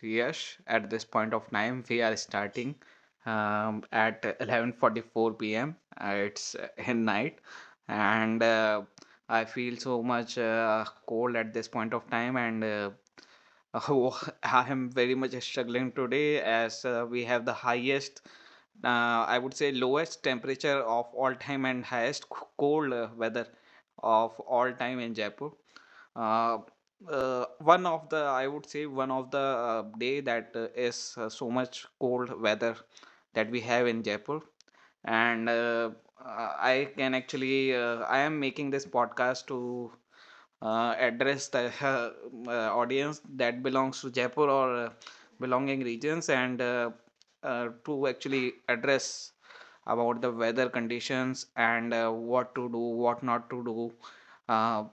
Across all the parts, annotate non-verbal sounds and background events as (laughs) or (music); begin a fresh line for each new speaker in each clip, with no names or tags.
Yash. At this point of time, we are starting at 11:44 p.m. It's (laughs) in night, and I feel so much cold at this point of time, and (laughs) oh, I am very much struggling today, as we have the highest, I would say, lowest temperature of all time and highest cold weather of all time in Jaipur. Uh, One of the, I would say, one of the day that is so much cold weather that we have in Jaipur. And I can actually, I am making this podcast to address the (laughs) audience that belongs to Jaipur or belonging regions, and to actually address about the weather conditions and what to do, what not to do. Uh,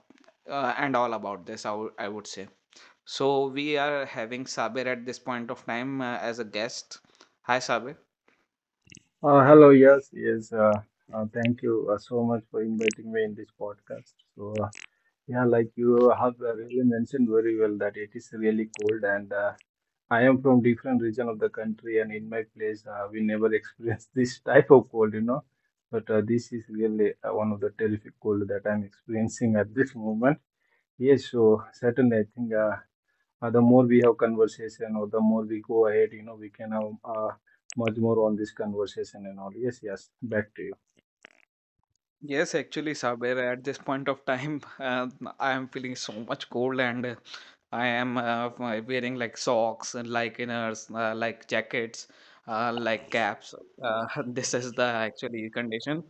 and all about this, I would say. So we are having Sabir at this point of time as a guest. Hi, Sabir.
Hello, yes, yes. Thank you so much for inviting me in this podcast. So, yeah, like you have really mentioned very well that it is really cold, and I am from different region of the country, and in my place, we never experience (laughs) this type of cold. But this is really one of the terrific cold that I'm experiencing at this moment. Yes, so certainly, I think. The more we have conversation or the more we go ahead, we can have much more on this conversation and all. Yes, yes, back to you.
Yes, actually, Saber, at this point of time, (laughs) I am feeling so much cold and I am wearing like socks and like inners, like jackets, like caps. (laughs) This is the actually condition.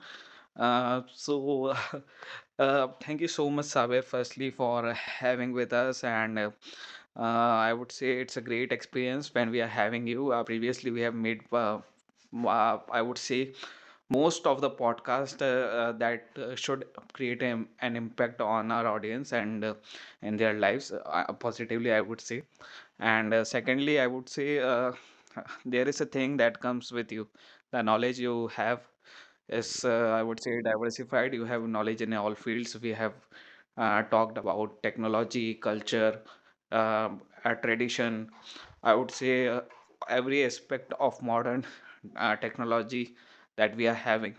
So, (laughs) thank you so much, Saber, firstly, for having with us. And I would say it's a great experience when we are having you. Previously, we have made, I would say, most of the podcast that should create an impact on our audience and in their lives, positively, I would say. And secondly, I would say, (laughs) there is a thing that comes with you. The knowledge you have is, I would say, diversified. You have knowledge in all fields. We have talked about technology, culture, tradition, I would say, every aspect of modern (laughs) technology that we are having.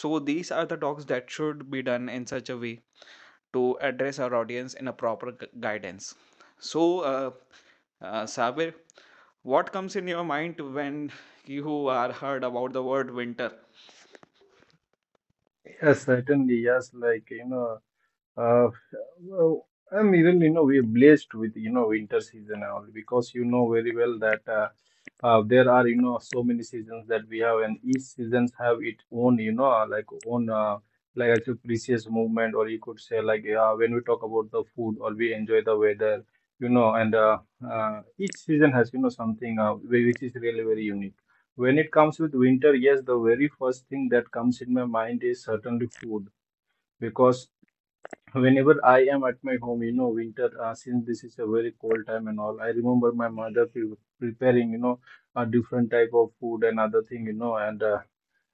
So these are the talks that should be done in such a way to address our audience in a proper guidance. So, Sabir, what comes in your mind when (laughs) you are heard about the word winter?
Yes, certainly. Yes, like, Uh, well, and even we are blessed with winter season and all because you know very well that there are so many seasons that we have and each seasons have its own like own like as a precious movement or you could say like when we talk about the food or we enjoy the weather and each season has something which is really very unique. When it comes with winter, yes, the very first thing that comes in my mind is certainly food because whenever I am at my home, winter, since this is a very cold time and all, I remember my mother preparing, a different type of food and other thing,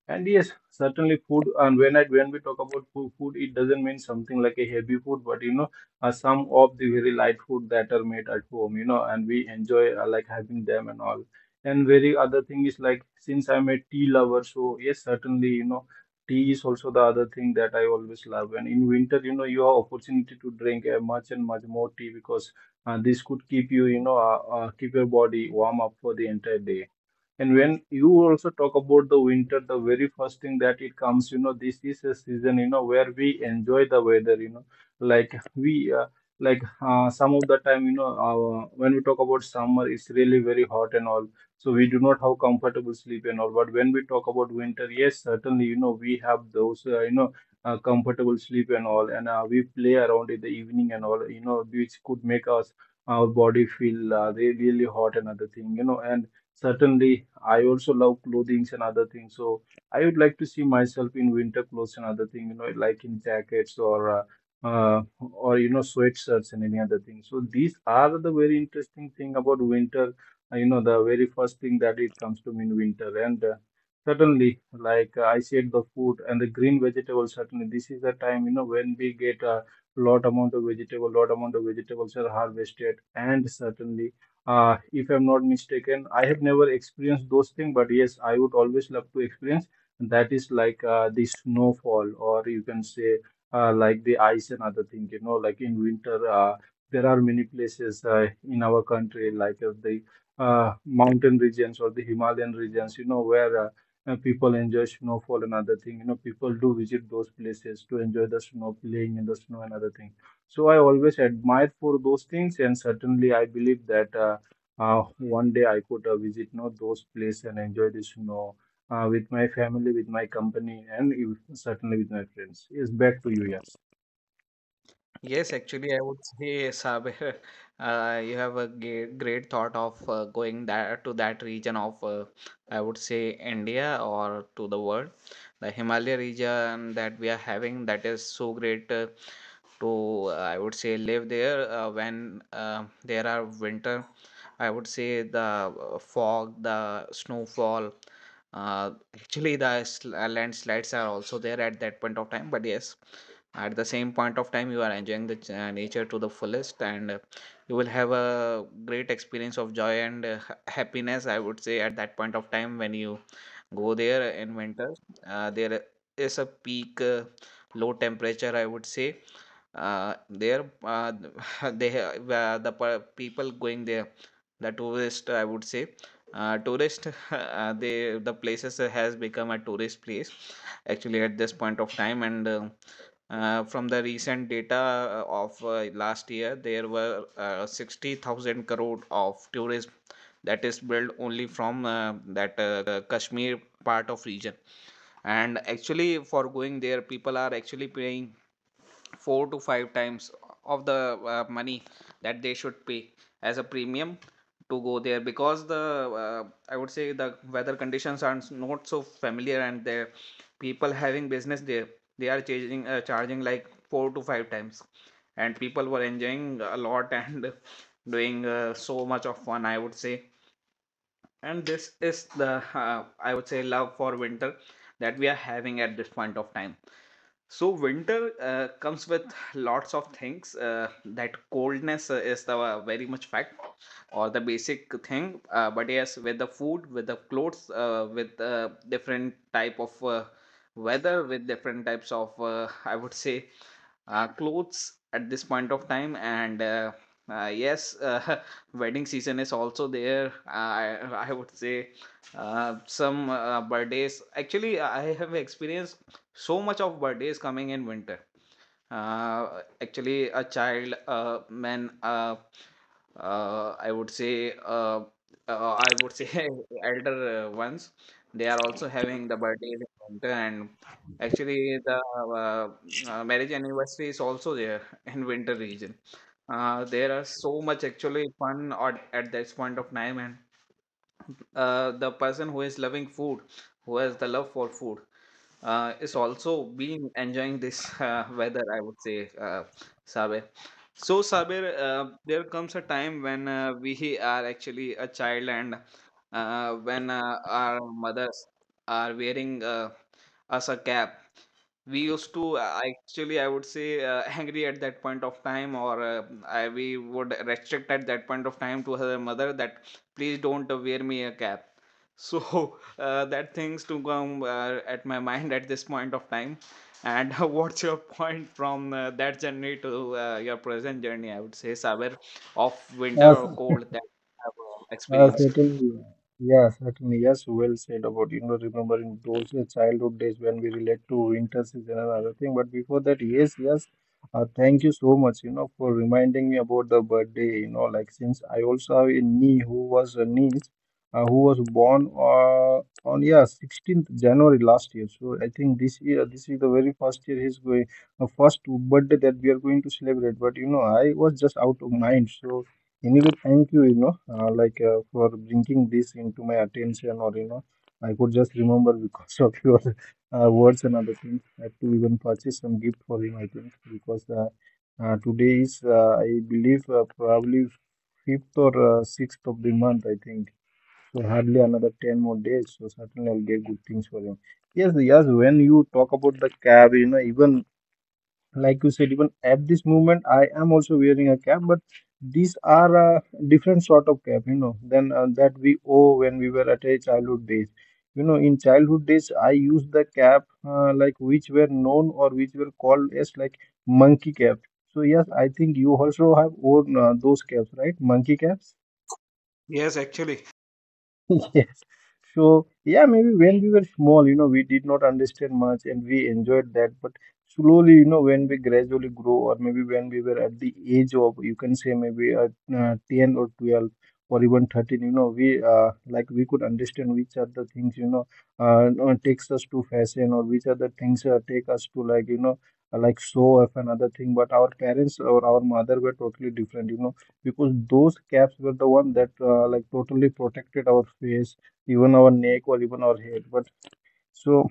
and yes, certainly food. And when I when we talk about food, it doesn't mean something like a heavy food, but some of the very light food that are made at home, and we enjoy like having them and all. And very other thing is like since I'm a tea lover, so yes, certainly, tea is also the other thing that I always love. And in winter, you have opportunity to drink much and much more tea because this could keep you, keep your body warm up for the entire day. And when you also talk about the winter, the very first thing that it comes, this is a season, where we enjoy the weather, like we, like some of the time, when we talk about summer, it's really very hot and all. So we do not have comfortable sleep and all. But when we talk about winter, yes, certainly, we have those, comfortable sleep and all, and we play around in the evening and all, which could make us our body feel really hot and other thing, and certainly, I also love clothings and other things. So I would like to see myself in winter clothes and other things. Like in jackets uh, or sweatshirts and any other thing. So these are the very interesting thing about winter. You know, the very first thing that it comes to me in winter, and certainly, like I said, the food and the green vegetables. Certainly, this is the time when we get a lot amount of vegetable, lot amount of vegetables are harvested, and certainly, if I'm not mistaken. I have never experienced those things, but yes, I would always love to experience. That is like the snowfall, or you can say like the ice and other thing. Like in winter, there are many places in our country, like the mountain regions or the Himalayan regions. Where people enjoy snowfall and other thing. You know, people do visit those places to enjoy the snow, playing in the snow and other thing. So I always admire for those things, and certainly I believe that one day I could visit, those places and enjoy the snow with my family, with my company, and certainly with my friends. Yes, back to you. Yes.
Yes, actually, I would say, Sabir, (laughs) you have a great thought of going that to that region of, I would say, India or to the world. The Himalaya region that we are having, that is so great to, I would say, live there when there are winter. I would say the fog, the snowfall. Actually, the landslides are also there at that point of time. But yes, at the same point of time, you are enjoying the nature to the fullest, and you will have a great experience of joy and happiness, I would say, at that point of time when you go there in winter. There is a peak low temperature, I would say. There, (laughs) they have, people going there, the tourist, I would say, tourist, (laughs) the places has become a tourist place actually at this point of time. And from the recent data of last year, there were 60,000 crore of tourism that is built only from that Kashmir part of region. And actually, for going there, people are actually paying four to five times of the money that they should pay as a premium to go there, because the I would say the weather conditions are not so familiar, and the people having business there, they are charging like four to five times, and people were enjoying a lot (laughs) and doing so much of fun, I would say. And this is the, I would say, love for winter that we are having at this point of time. So winter comes with lots of things. That coldness is the very much fact or the basic thing. But yes, with the food, with the clothes, with different type of weather, with different types of, I would say, clothes at this point of time. And yes, (laughs) wedding season is also there. I would say some birthdays. Actually, I have experienced so much of birthday is coming in winter. Actually, a child, man, uh, i would say uh, I would say, (laughs) elder ones, they are also having the birthdays in winter. And actually, the uh, marriage anniversary is also there (laughs) in winter region. There are so much actually fun at this point of time, and the person who is loving food, who has the love for food, is also been enjoying this (laughs) weather, I would say, Sabir. So, Sabir, there comes a time when we are actually a child, and when our mothers are wearing us a cap, we used to actually, I would say, (laughs) angry at that point of time. Or we would restrict at that point of time to her mother that please don't wear me a cap. So (laughs) that things to come at my mind at this point of time. And (laughs) what's your point from that journey to your present journey, I would say, Saber, of winter
Yes,
or cold that you have experienced?
Certainly, yeah, certainly, yes, well said about, remembering those childhood days when we relate to winter season and other thing. But before that, yes, yes, thank you so much, for reminding me about the birthday, like since I also have a niece who was born on, yeah, 16th January last year. So I think this year, this is the very first year he's going, the first birthday that we are going to celebrate. But, I was just out of mind. So, anyway, thank you, like for bringing this into my attention, or I could just remember because of (laughs) your words and other things. I have to even purchase some gift for him, I think, because today is, I believe, probably fifth or sixth of the month, I think. So hardly another 10 more days. So certainly I'll get good things for him. Yes, yes, when you talk about the cab, even like you said, even at this moment, I am also wearing a cap, but these are a different sort of cap than that we owe when we were at a childhood days. In childhood days, I used the cap, like which were known or which were called as like monkey cap. So yes, I think you also have worn those caps, right? Monkey caps.
Yes, actually.
(laughs) Yes. So, yeah, maybe when we were small, we did not understand much and we enjoyed that. But slowly, when we gradually grow, or maybe when we were at the age of, you can say maybe at 10 or 12 or even 13, we could understand which are the things, takes us to fashion or which are the things take us to like, like show off another thing. But our parents or our mother were totally different, because those caps were the one that like totally protected our face, even our neck or even our head. But so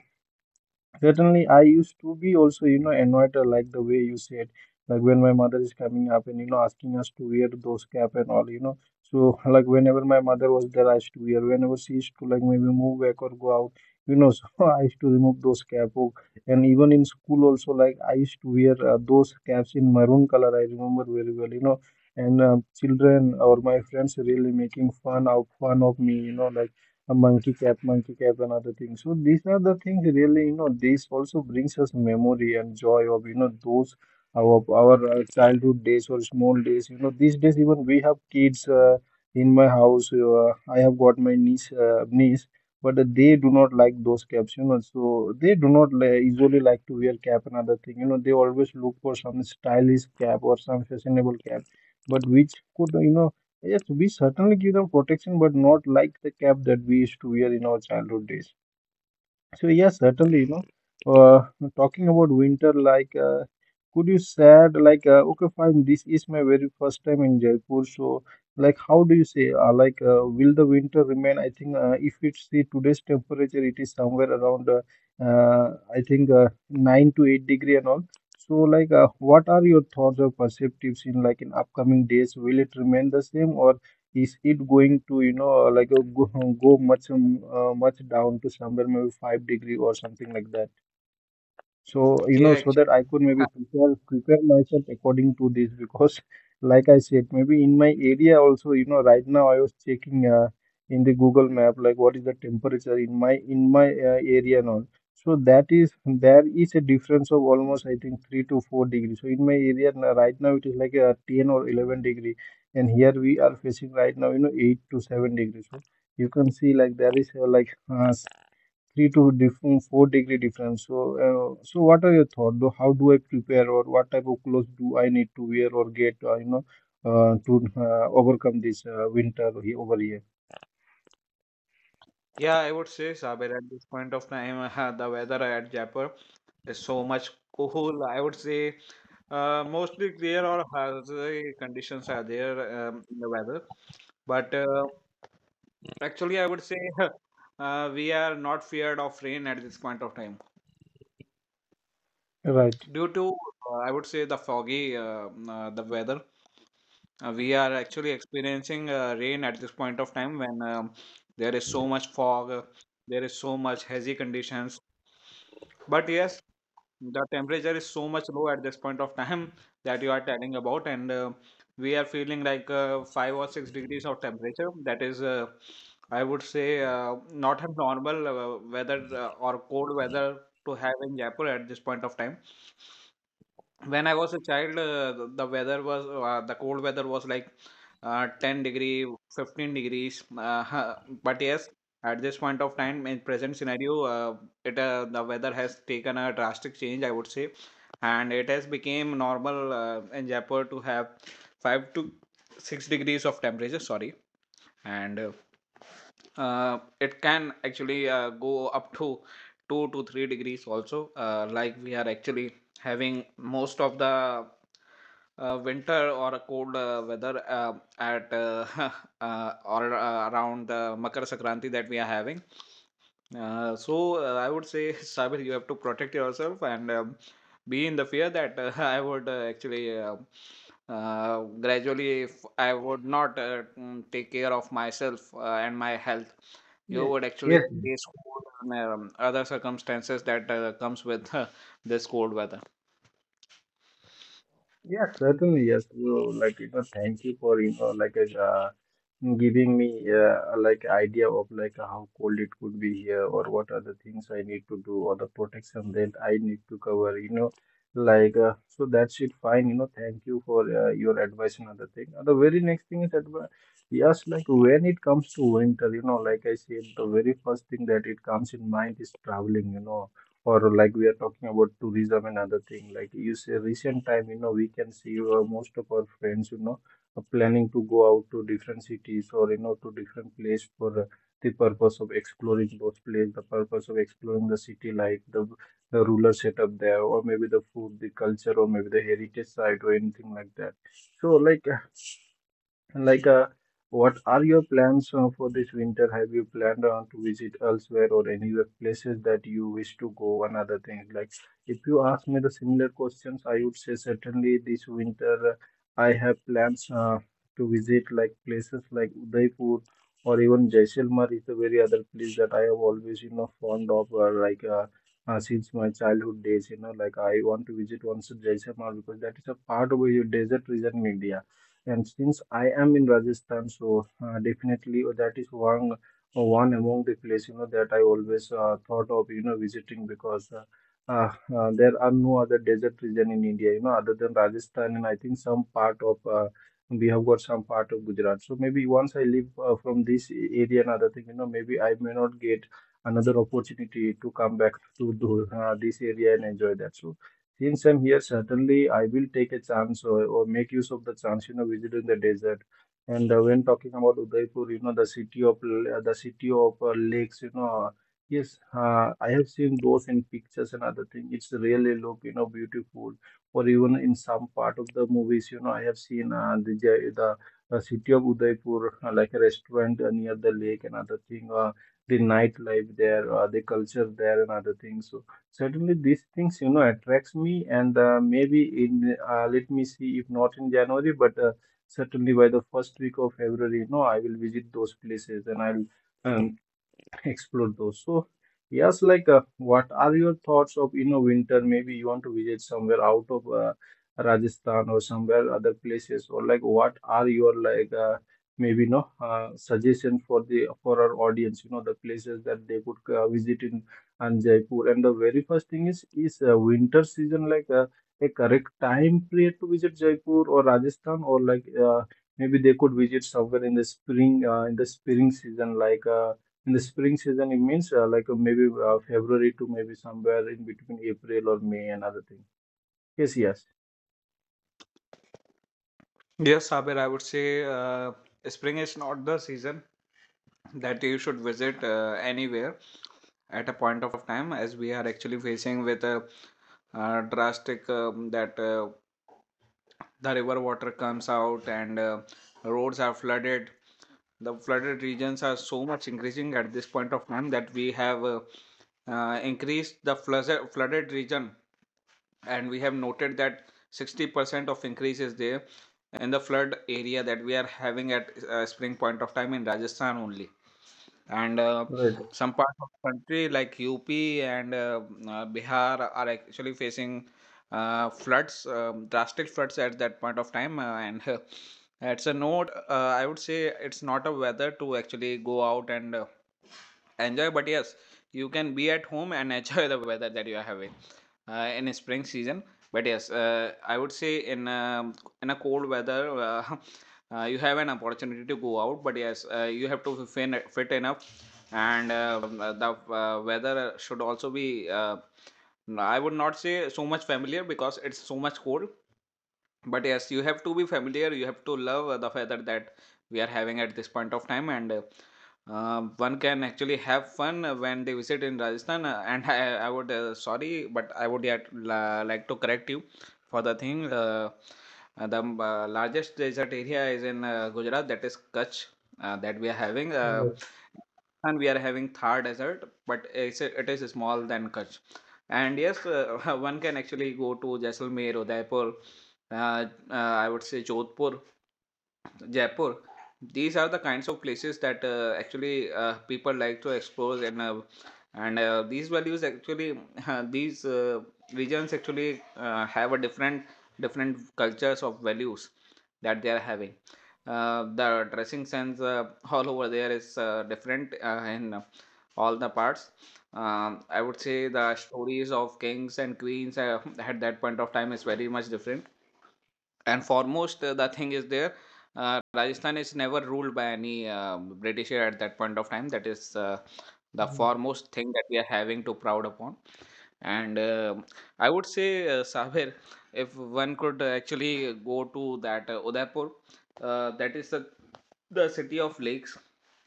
certainly, I used to be also, annoyed, like the way you said, like when my mother is coming up and asking us to wear those cap and all, So like whenever my mother was there, I used to wear. Whenever she used to like maybe move back or go out, (laughs) so I used to remove those cap. Oh, and even in school also, like I used to wear those caps in maroon color. I remember very well, And children or my friends really making fun of me, like a monkey cap, and other things. So these are the things really, this also brings us memory and joy of, those our childhood days or small days. These days even we have kids in my house. I have got my niece, but they do not like those caps. So they do not usually like to wear cap and other thing. They always look for some stylish cap or some fashionable cap, but which could, yes, we certainly give them protection, but not like the cap that we used to wear in our childhood days. So yes, certainly, uh, talking about winter, like, could you said like, okay, fine, this is my very first time in Jaipur, so like, how do you say, like, will the winter remain? I think if it's the today's temperature, it is somewhere around, I think 9 to 8 degrees and all. So, like, what are your thoughts or perspectives in like in upcoming days? Will it remain the same, or is it going to like go much much down to somewhere maybe 5 degrees or something like that, so,
Yeah,
so
actually.
that I could maybe
(laughs)
prepare myself according to this because, (laughs) like I said, maybe in my area also, right now I was checking in the Google map like what is the temperature in my area and all. So that is there is a difference of almost I think 3 to 4 degrees. So in my area right now it is like a 10 or 11 degree, and here we are facing right now, you know, 8 to 7 degrees. So you can see like there is three to different four-degree difference. So what are your thoughts? Though, how do I prepare, or what type of clothes do I need to wear or get, to overcome this over here?
Yeah, I would say, Saber, at this point of time, (laughs) the weather at Jaipur. It's so much cool. I would say mostly clear or hazy conditions are there in the weather. But actually, I would say (laughs) we are not feared of rain at this point of time
Right.
due to, I would say, the foggy the weather. We are actually experiencing rain at this point of time when there is so much fog, there is so much hazy conditions. But yes, the temperature is so much low at this point of time (laughs) that you are telling about, and we are feeling like 5 or 6 degrees of temperature that is, I would say, not a normal weather or cold weather to have in Jaipur at this point of time. When I was a child, the weather was, the cold weather was like 10 degree, 15 degrees. (laughs) But yes, at this point of time, in present scenario, it the weather has taken a drastic change, I would say, and it has become normal in Jaipur to have 5 to 6 degrees of temperature. Sorry, and it can actually go up to 2 to 3 degrees also, like we are actually having most of the winter or a cold weather at (laughs) or around the Makar Sankranti that we are having. So, I would say, (laughs) Sabir, you have to protect yourself, and be in the fear that (laughs) I would, actually gradually, if I would not take care of myself and my health, you would actually
Yes,
face cold and other circumstances that comes with this cold weather.
yes, certainly. Yes, you like you know. Thank you for you know uh, giving me like idea of like how cold it could be here or what are the things I need to do or the protection that I need to cover. You know, so that's it. Fine. You know, thank you for your advice and other thing. The very next thing is that yes, like when it comes to winter, you know, like I said, the very first thing that it comes in mind is traveling. You know, or like we are talking about tourism and other thing, like you say recent time, you know, we can see most of our friends, you know, are planning to go out to different cities or, you know, to different place for the purpose of exploring those place, the purpose of exploring the city life, the ruler setup there, or maybe the food, the culture, or maybe the heritage site or anything like that. So like, uh, what are your plans for this winter? Have you planned to visit elsewhere or any other places that you wish to go? Another thing, like, if you ask me the similar questions, I would say certainly this winter I have plans to visit like places like Udaipur, or even Jaisalmer is a very other place that I have always, you know, fond of, since my childhood days, you know, like I want to visit once Jaisalmer because that is a part of your desert region in India, and since I am in Rajasthan, so definitely that is one among the place, you know, that I always thought of, you know, visiting, because there are no other desert region in India, you know, other than Rajasthan, and I think some part of we have got some part of Gujarat. So maybe once I leave from this area and other thing, you know, maybe I may not get another opportunity to come back to do, this area and enjoy that. So since I'm here, certainly I will take a chance, or make use of the chance, you know, visiting the desert. And when talking about Udaipur, you know, the city of the city of lakes, you know, yes, I have seen those in pictures and other things. It's really look, you know, beautiful. Or even in some part of the movies, you know, I have seen the city of Udaipur like a restaurant near the lake and other thing. The nightlife there, the culture there, and other things. So, certainly, these things, you know, attracts me, and maybe in let me see if not in January, but certainly by the first week of February, you know, I will visit those places, and I'll um, explore those. So, yes, like, what are your thoughts of, you know, winter? Maybe you want to visit somewhere out of Rajasthan or somewhere other places, or like, what are your like, maybe no suggestion for the for our audience? You know, the places that they could visit in and Jaipur. And the very first thing is, winter season like a correct time period to visit Jaipur or Rajasthan, or like maybe they could visit somewhere in the spring season, like. In the spring season, it means like maybe February to maybe somewhere in between April or May and other thing. Yes, yes,
Yes, Sabir, I would say spring is not the season that you should visit anywhere at a point of time, as we are actually facing with a, drastic, that, the river water comes out and roads are flooded. The flooded regions are so much increasing at this point of time, that we have increased the flooded region, and we have noted that 60% of increase is there in the flood area that we are having at spring point of time in Rajasthan only. And
right.
some parts of the country like UP and Bihar are actually facing floods, drastic floods at that point of time. And it's a note, I would say it's not a weather to actually go out and enjoy, but yes, you can be at home and enjoy the weather that you are having in spring season. But yes, I would say in a cold weather, (laughs) you have an opportunity to go out. But yes, you have to fit enough, and the weather should also be I would not say so much familiar because it's so much cold. But yes, you have to be familiar. You have to love the feather that we are having at this point of time. And one can actually have fun when they visit in Rajasthan. And (laughs) I would, sorry, but I would yet like to correct you for the thing. The largest desert area is in Gujarat, that is Kutch, that we are having. And we are having Thar Desert, but it is small than Kutch. And yes, (laughs) one can actually go to Jaisalmer, Udaipur, uh, uh, I would say Jodhpur, Jaipur. These are the kinds of places that actually people like to explore, and these values actually (laughs) these regions actually have a different cultures of values that they are having. The dressing sense all over there is different in all the parts. I would say the stories of kings and queens (laughs) at that point of time is very much different. And foremost, the thing is there, Rajasthan is never ruled by any Britisher at that point of time. That is the foremost thing that we are having to proud upon. And I would say, Sabir, if one could actually go to that Udaipur, that is the city of lakes.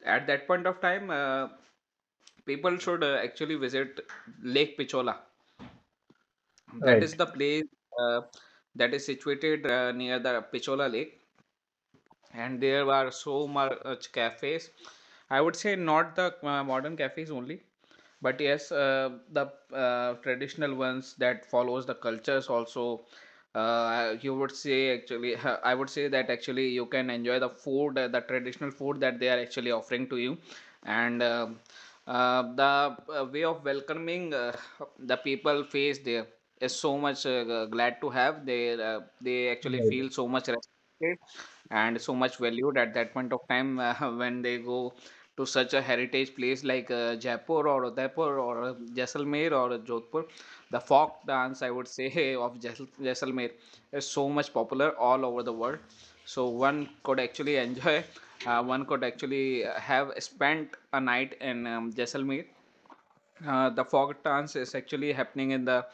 At that point of time, people should actually visit Lake Pichola. That
Right,
is the place uh, that is situated near the Pichola Lake. And there are so much cafes, I would say, not the modern cafes only but yes, the traditional ones that follows the cultures also. You would say actually, (laughs) I would say that actually you can enjoy the food, the traditional food that they are actually offering to you. And the way of welcoming the people face there is so much glad to have. They actually
right.
feel so much respect and so much valued at that point of time, (laughs) when they go to such a heritage place like Jaipur or Udaipur or Jaisalmer or Jodhpur. The folk dance, I would say, (laughs) of Jaisalmer is so much popular all over the world. So one could actually (laughs) enjoy. One could actually have spent a night in Jaisalmer. The fog dance is actually happening in the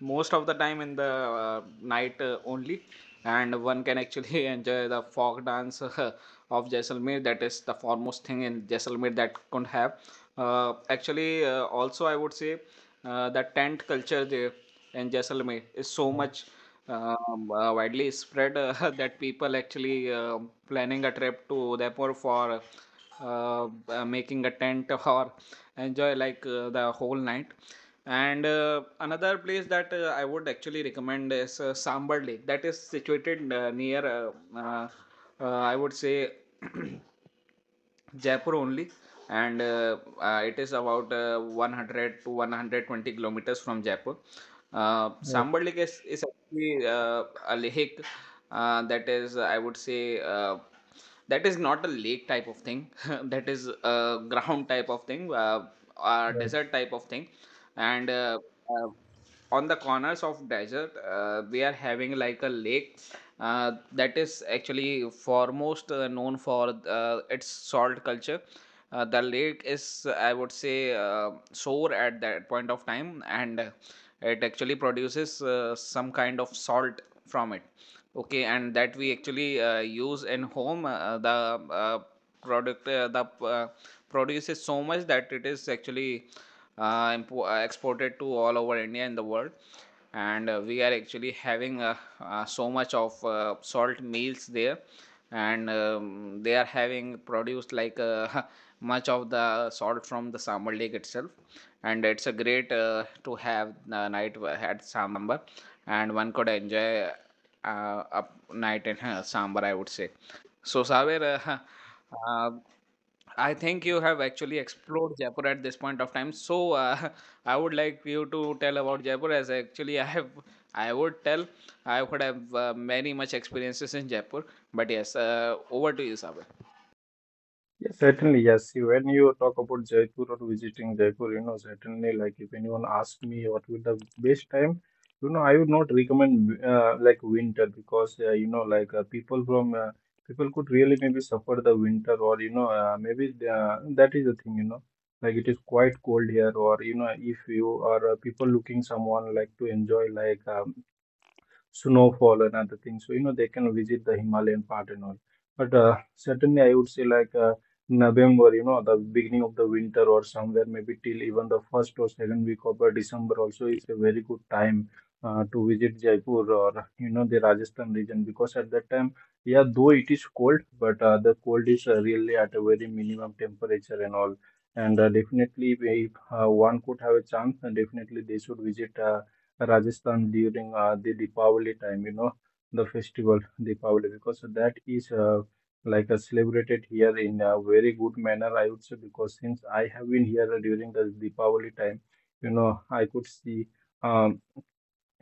most of the time in the night only, and one can actually (laughs) enjoy the fog dance (laughs) of Jaisalmer. That is the foremost thing in Jaisalmer that could have actually also, I would say, the tent culture there in Jaisalmer is so
Right,
much widely spread (laughs) that people actually planning a trip to Udaipur for making a tent (laughs) or enjoy like the whole night. And another place that I would actually recommend is Sambar Lake, that is situated near uh, I would say, (clears throat) Jaipur only. And it is about 100 to 120 kilometers from Jaipur.
right.
Sambar Lake is actually a lake, that is, I would say, that is not a lake type of thing. (laughs) That is a ground type of thing, a
Right.
desert type of thing. And uh, uh, on the corners of desert, we are having like a lake that is actually foremost known for its salt culture. The lake is, I would say, sore at that point of time. And it actually produces some kind of salt from it. Okay. And that we actually use in home. The produce is so much that it is actually exported to all over India and the world. And we are actually having so much of salt meals there. And they are having produced like (laughs) much of the salt from the Sambar Lake itself. And it's a great to have the night at Sambar, and one could enjoy a night in Sambar. I would say so, Saver. (laughs) Uh, I think you have actually explored Jaipur at this point of time. So, (laughs) I would like you to tell about Jaipur, as actually I have, I would tell, I would have many much experiences in Jaipur. But yes, over to you, Saver.
Yes, certainly, yes. When you talk about Jaipur or visiting Jaipur, you know, certainly, like if anyone asks me what would the best time, you know, I would not recommend like winter, because you know, people from people could really maybe suffer the winter, or you know, maybe the, that is the thing, you know, like it is quite cold here, or you know, if you are people looking someone like to enjoy like snowfall and other things. So, you know, they can visit the Himalayan part and all. But certainly, I would say like November, you know, the beginning of the winter, or somewhere maybe till even the first or second week of December also is a very good time to visit Jaipur, or, you know, the Rajasthan region, because at that time, yeah, though it is cold, but the cold is really at a very minimum temperature and all. And definitely, if one could have a chance, then definitely they should visit Rajasthan during the Deepavali time, you know, the festival Deepavali, because that is celebrated here in a very good manner, I would say, because since I have been here during the Deepavali time, you know, I could see. Um,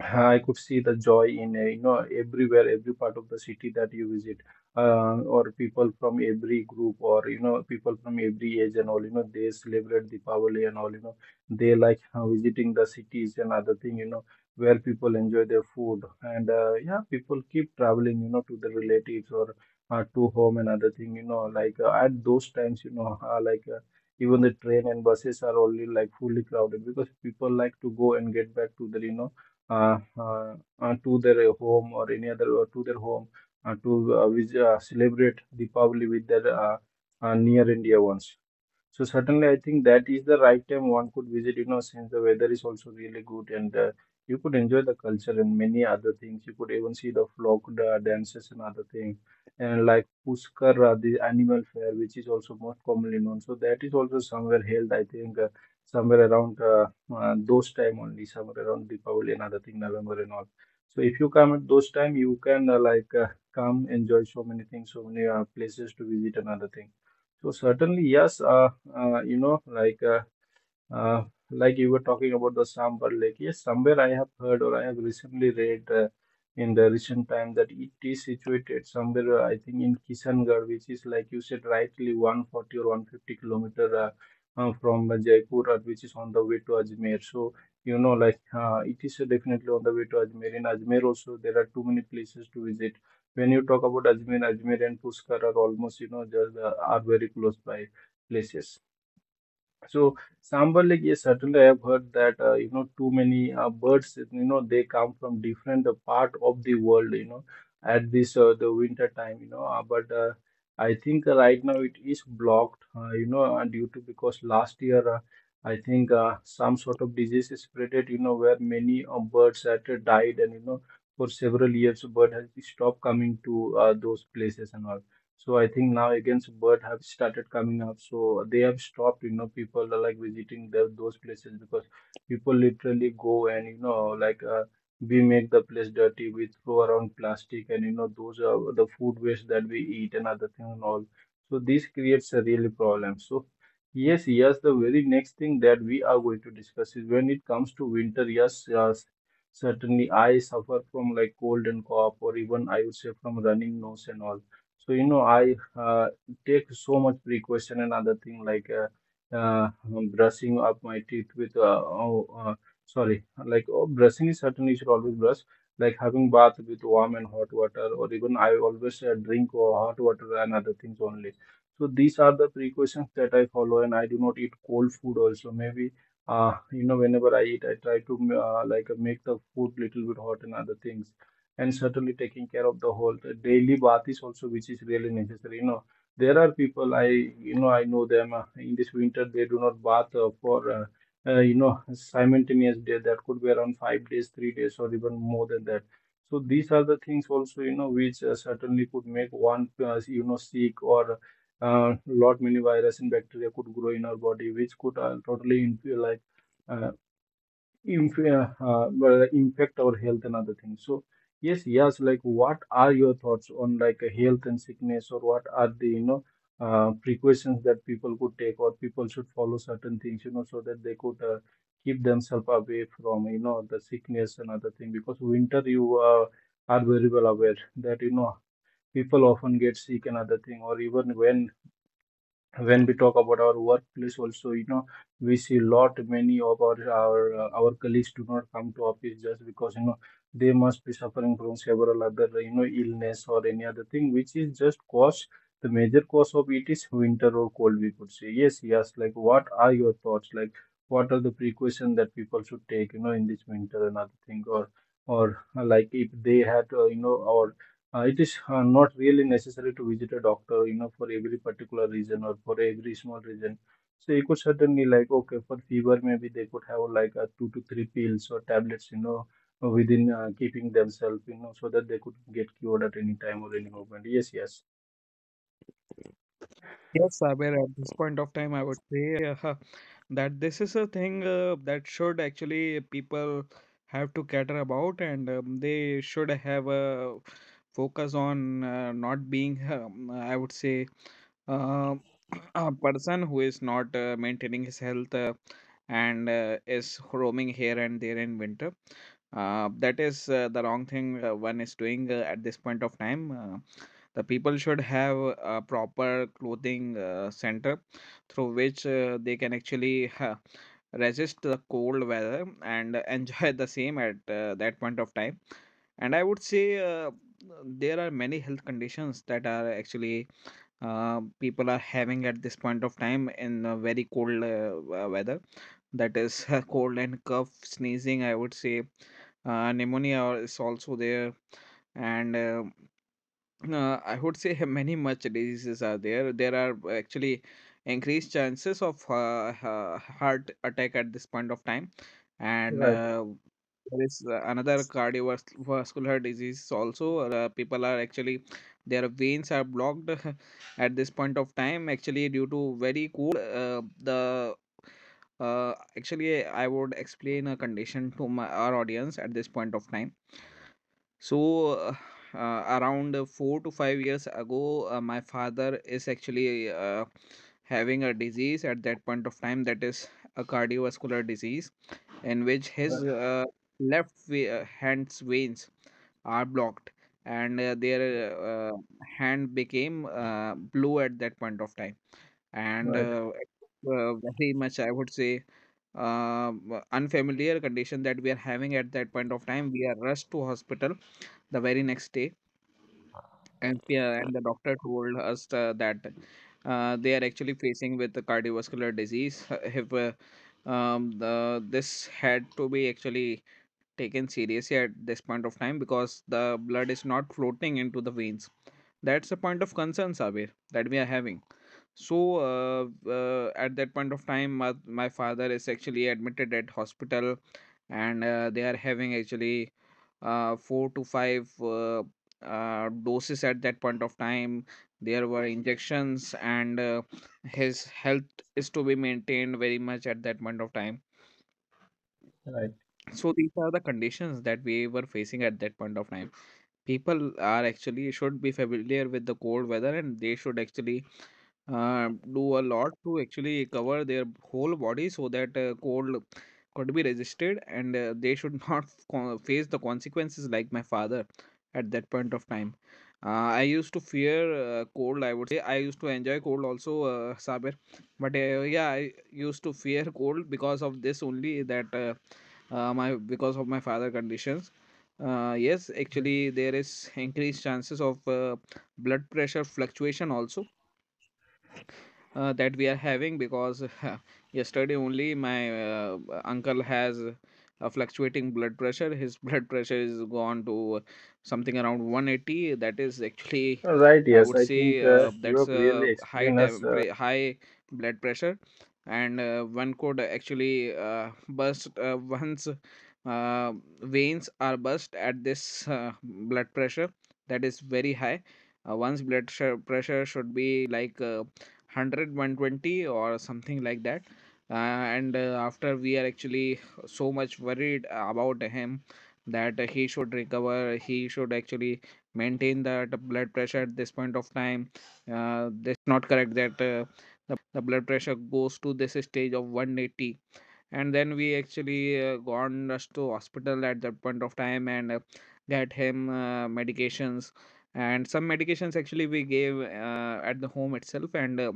I could see the joy in you know, everywhere, every part of the city that you visit, or people from every group, or you know, people from every age and all. You know, they celebrate Diwali and all. You know, they visiting the cities and other thing. You know, where people enjoy their food, and yeah, people keep traveling. You know, to the relatives, or to home and other thing. You know, at those times, you know, even the train and buses are only like fully crowded, because people like to go and get back to the, you know, uh, uh, to their home, or any other, or to their home to celebrate Deepavali with their near and dear ones. So certainly, I think that is the right time one could visit, you know, since the weather is also really good, and you could enjoy the culture and many other things. You could even see the dances and other things. And like Pushkar, the animal fair, which is also most commonly known. So that is also somewhere held, I think, somewhere around those time only, somewhere around Deepavali and other thing, November and all. So if you come at those time, you can come enjoy so many things, so many places to visit, another thing. So certainly, yes, you know, uh, like you were talking about the sambar lake, yes, somewhere I have heard, or I have recently read in the recent time that it is situated somewhere, I think, in Kishangarh, which is like you said rightly 140 or 150 kilometer from Jaipur, which is on the way to Ajmer. So, you know, it is definitely on the way to Ajmer. In Ajmer also, there are too many places to visit. When you talk about Ajmer, Ajmer and Pushkar are almost, you know, just are very close by places. So sambar, like, yes, certainly I've heard that you know, too many birds. You know, they come from different part of the world. You know, at this the winter time. You know, but I think right now it is blocked. You know, due to, because last year I think some sort of disease is spreaded. You know, where many birds had died, and you know, for several years bird has stopped coming to those places and all. So I think now against bird have started coming up. So they have stopped, you know, people are like visiting the, those places, because people literally go and, you know, we make the place dirty, we throw around plastic, and, you know, those are the food waste that we eat and other things and all. So this creates a really problem. So yes, yes, the very next thing that we are going to discuss is, when it comes to winter, yes, yes, certainly I suffer from like cold and cough, or even I would say from running nose and all. So, you know, I take so much precaution and other thing, like brushing up my teeth with, sorry, like oh, brushing is certainly you should always brush, like having bath with warm and hot water, or even I always drink hot water and other things only. So these are the precautions that I follow, and I do not eat cold food also. Maybe, you know, whenever I eat, I try to make the food little bit hot and other things, and certainly taking care of the whole the daily bath is also which is really necessary. You know, there are people, I know them in this winter, they do not bath for you know, simultaneous day, that could be around 5 days, 3 days, or even more than that. So these are the things also, you know, which certainly could make one you know, sick, or lot many virus and bacteria could grow in our body, which could totally inf- like uh, inf- well, impact our health and other things. So yes, yes. Like, what are your thoughts on like a health and sickness, or what are the, you know, precautions that people could take, or people should follow certain things, you know, so that they could keep themselves away from, you know, the sickness and other thing. Because winter, you are very well aware that you know, people often get sick and other thing, or even when we talk about our workplace also, you know, we see lot many of our colleagues do not come to office, just because you know, they must be suffering from several other, you know, illness or any other thing, which is just cause, the major cause of it is winter or cold, we could say. Yes, yes. Like, what are your thoughts, like what are the precaution that people should take, you know, in this winter and other thing, or like if they had you know, or it is not really necessary to visit a doctor, you know, for every particular reason, or for every small reason. So you could certainly like, okay, for fever, maybe they could have like a 2 to 3 pills or tablets, you know, within keeping themselves, you know, so that they could get cured at any time or any moment. Yes, yes.
Yes, Saber, at this point of time, I would say (laughs) that this is a thing that should actually people have to cater about. And they should have a focus on not being, I would say, uh, (clears throat) a person who is not maintaining his health and is roaming here and there in winter. That is the wrong thing one is doing at this point of time. The people should have a proper clothing center through which they can actually resist the cold weather and (laughs) enjoy the same at that point of time. And I would say, uh, there are many health conditions that are actually people are having at this point of time in a very cold weather. That is (laughs) cold and cough, sneezing. I would say pneumonia is also there. And I would say (laughs) many much diseases are there. There are actually increased chances of heart attack at this point of time. and
Right,
uh, there is another cardiovascular disease also. People are actually their veins are blocked (laughs) at this point of time. Actually, due to very cold, the actually I would explain a condition to my our audience at this point of time. So, around 4 to 5 years ago, my father is actually having a disease at that point of time, that is a cardiovascular disease, in which
right,
his left hand's veins are blocked, and their hand became blue at that point of time. And
right,
uh, uh, very much, I would say, unfamiliar condition that we are having at that point of time. We are rushed to hospital the very next day, and yeah, and the doctor told us that they are actually facing with the cardiovascular disease. If the, This had to be actually taken seriously at this point of time, because the blood is not floating into the veins. That's a point of concern, Sabir, that we are having. So, at that point of time, my father is actually admitted at hospital, and they are having actually four to five doses at that point of time. There were injections, and his health is to be maintained very much at that point of time.
right.
So these are the conditions that we were facing at that point of time. People are actually should be familiar with the cold weather, and they should actually do a lot to actually cover their whole body, so that cold could be resisted, and they should (laughs) not face the consequences like my father at that point of time. Uh, I used to fear cold, I would say. I used to enjoy cold also, Saber. But yeah, I used to fear cold because of this only, that my because of my father conditions. Yes, actually, there is increased chances of blood pressure fluctuation also, that we are having. Because (laughs) yesterday only, my uncle has a fluctuating blood pressure. His (laughs) blood pressure is gone to something around 180. That is actually,
All right,
I
yes.
would
I think
say,
you
that's
have really
a
explained us.
high blood pressure. And one could actually burst. Once uh, veins are burst at this blood pressure, that is very high. One's pressure should be like one Hundred one twenty or something like that, uh, and after, we are actually so much worried about him that he should recover. He should actually maintain that blood pressure at this point of time. This not correct that the blood pressure goes to this stage of 180, and then we actually gone rushed to hospital at that point of time, and get him medications. And some medications actually we gave at the home itself. and uh,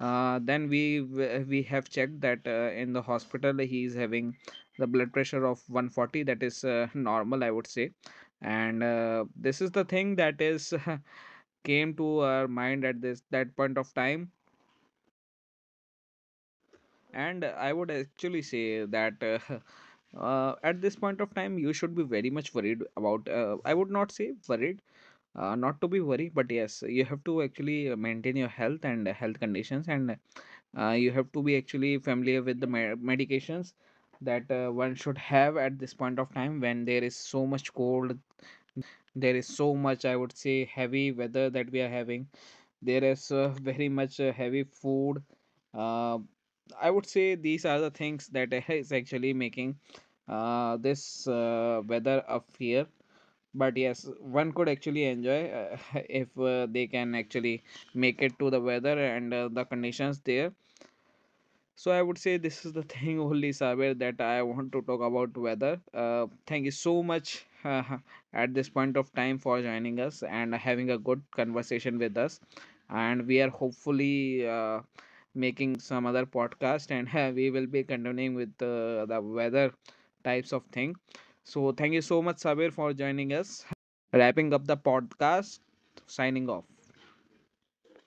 uh, then we have checked that in the hospital, he is having the blood pressure of 140. That is (laughs) normal, I would say. And this is the thing that is (laughs) came to our mind at this that point of time. And I would actually say that (laughs) at this point of time, you should be very much worried about. I would not say worried, not to be worried, but yes, you have to actually maintain your health and health conditions. And you have to be actually familiar with the medications that one should have at this point of time, when there is so much cold. There is so much, I would say, heavy weather that we are having. There is very much heavy food. Uh, I would say these are the things that (laughs) is actually making this weather a fear. But yes, one could actually enjoy (laughs) if they can actually make it to the weather and the conditions there. So I would say this is the (laughs) thing only, Saber, that I want to talk about weather. Thank you so much (laughs) at this point of time for joining us and having a good conversation with us. And we are hopefully making some other podcast, and (laughs) we will be continuing with the weather types of thing. So thank you so much, Saber, for joining us. Wrapping up the podcast, signing off.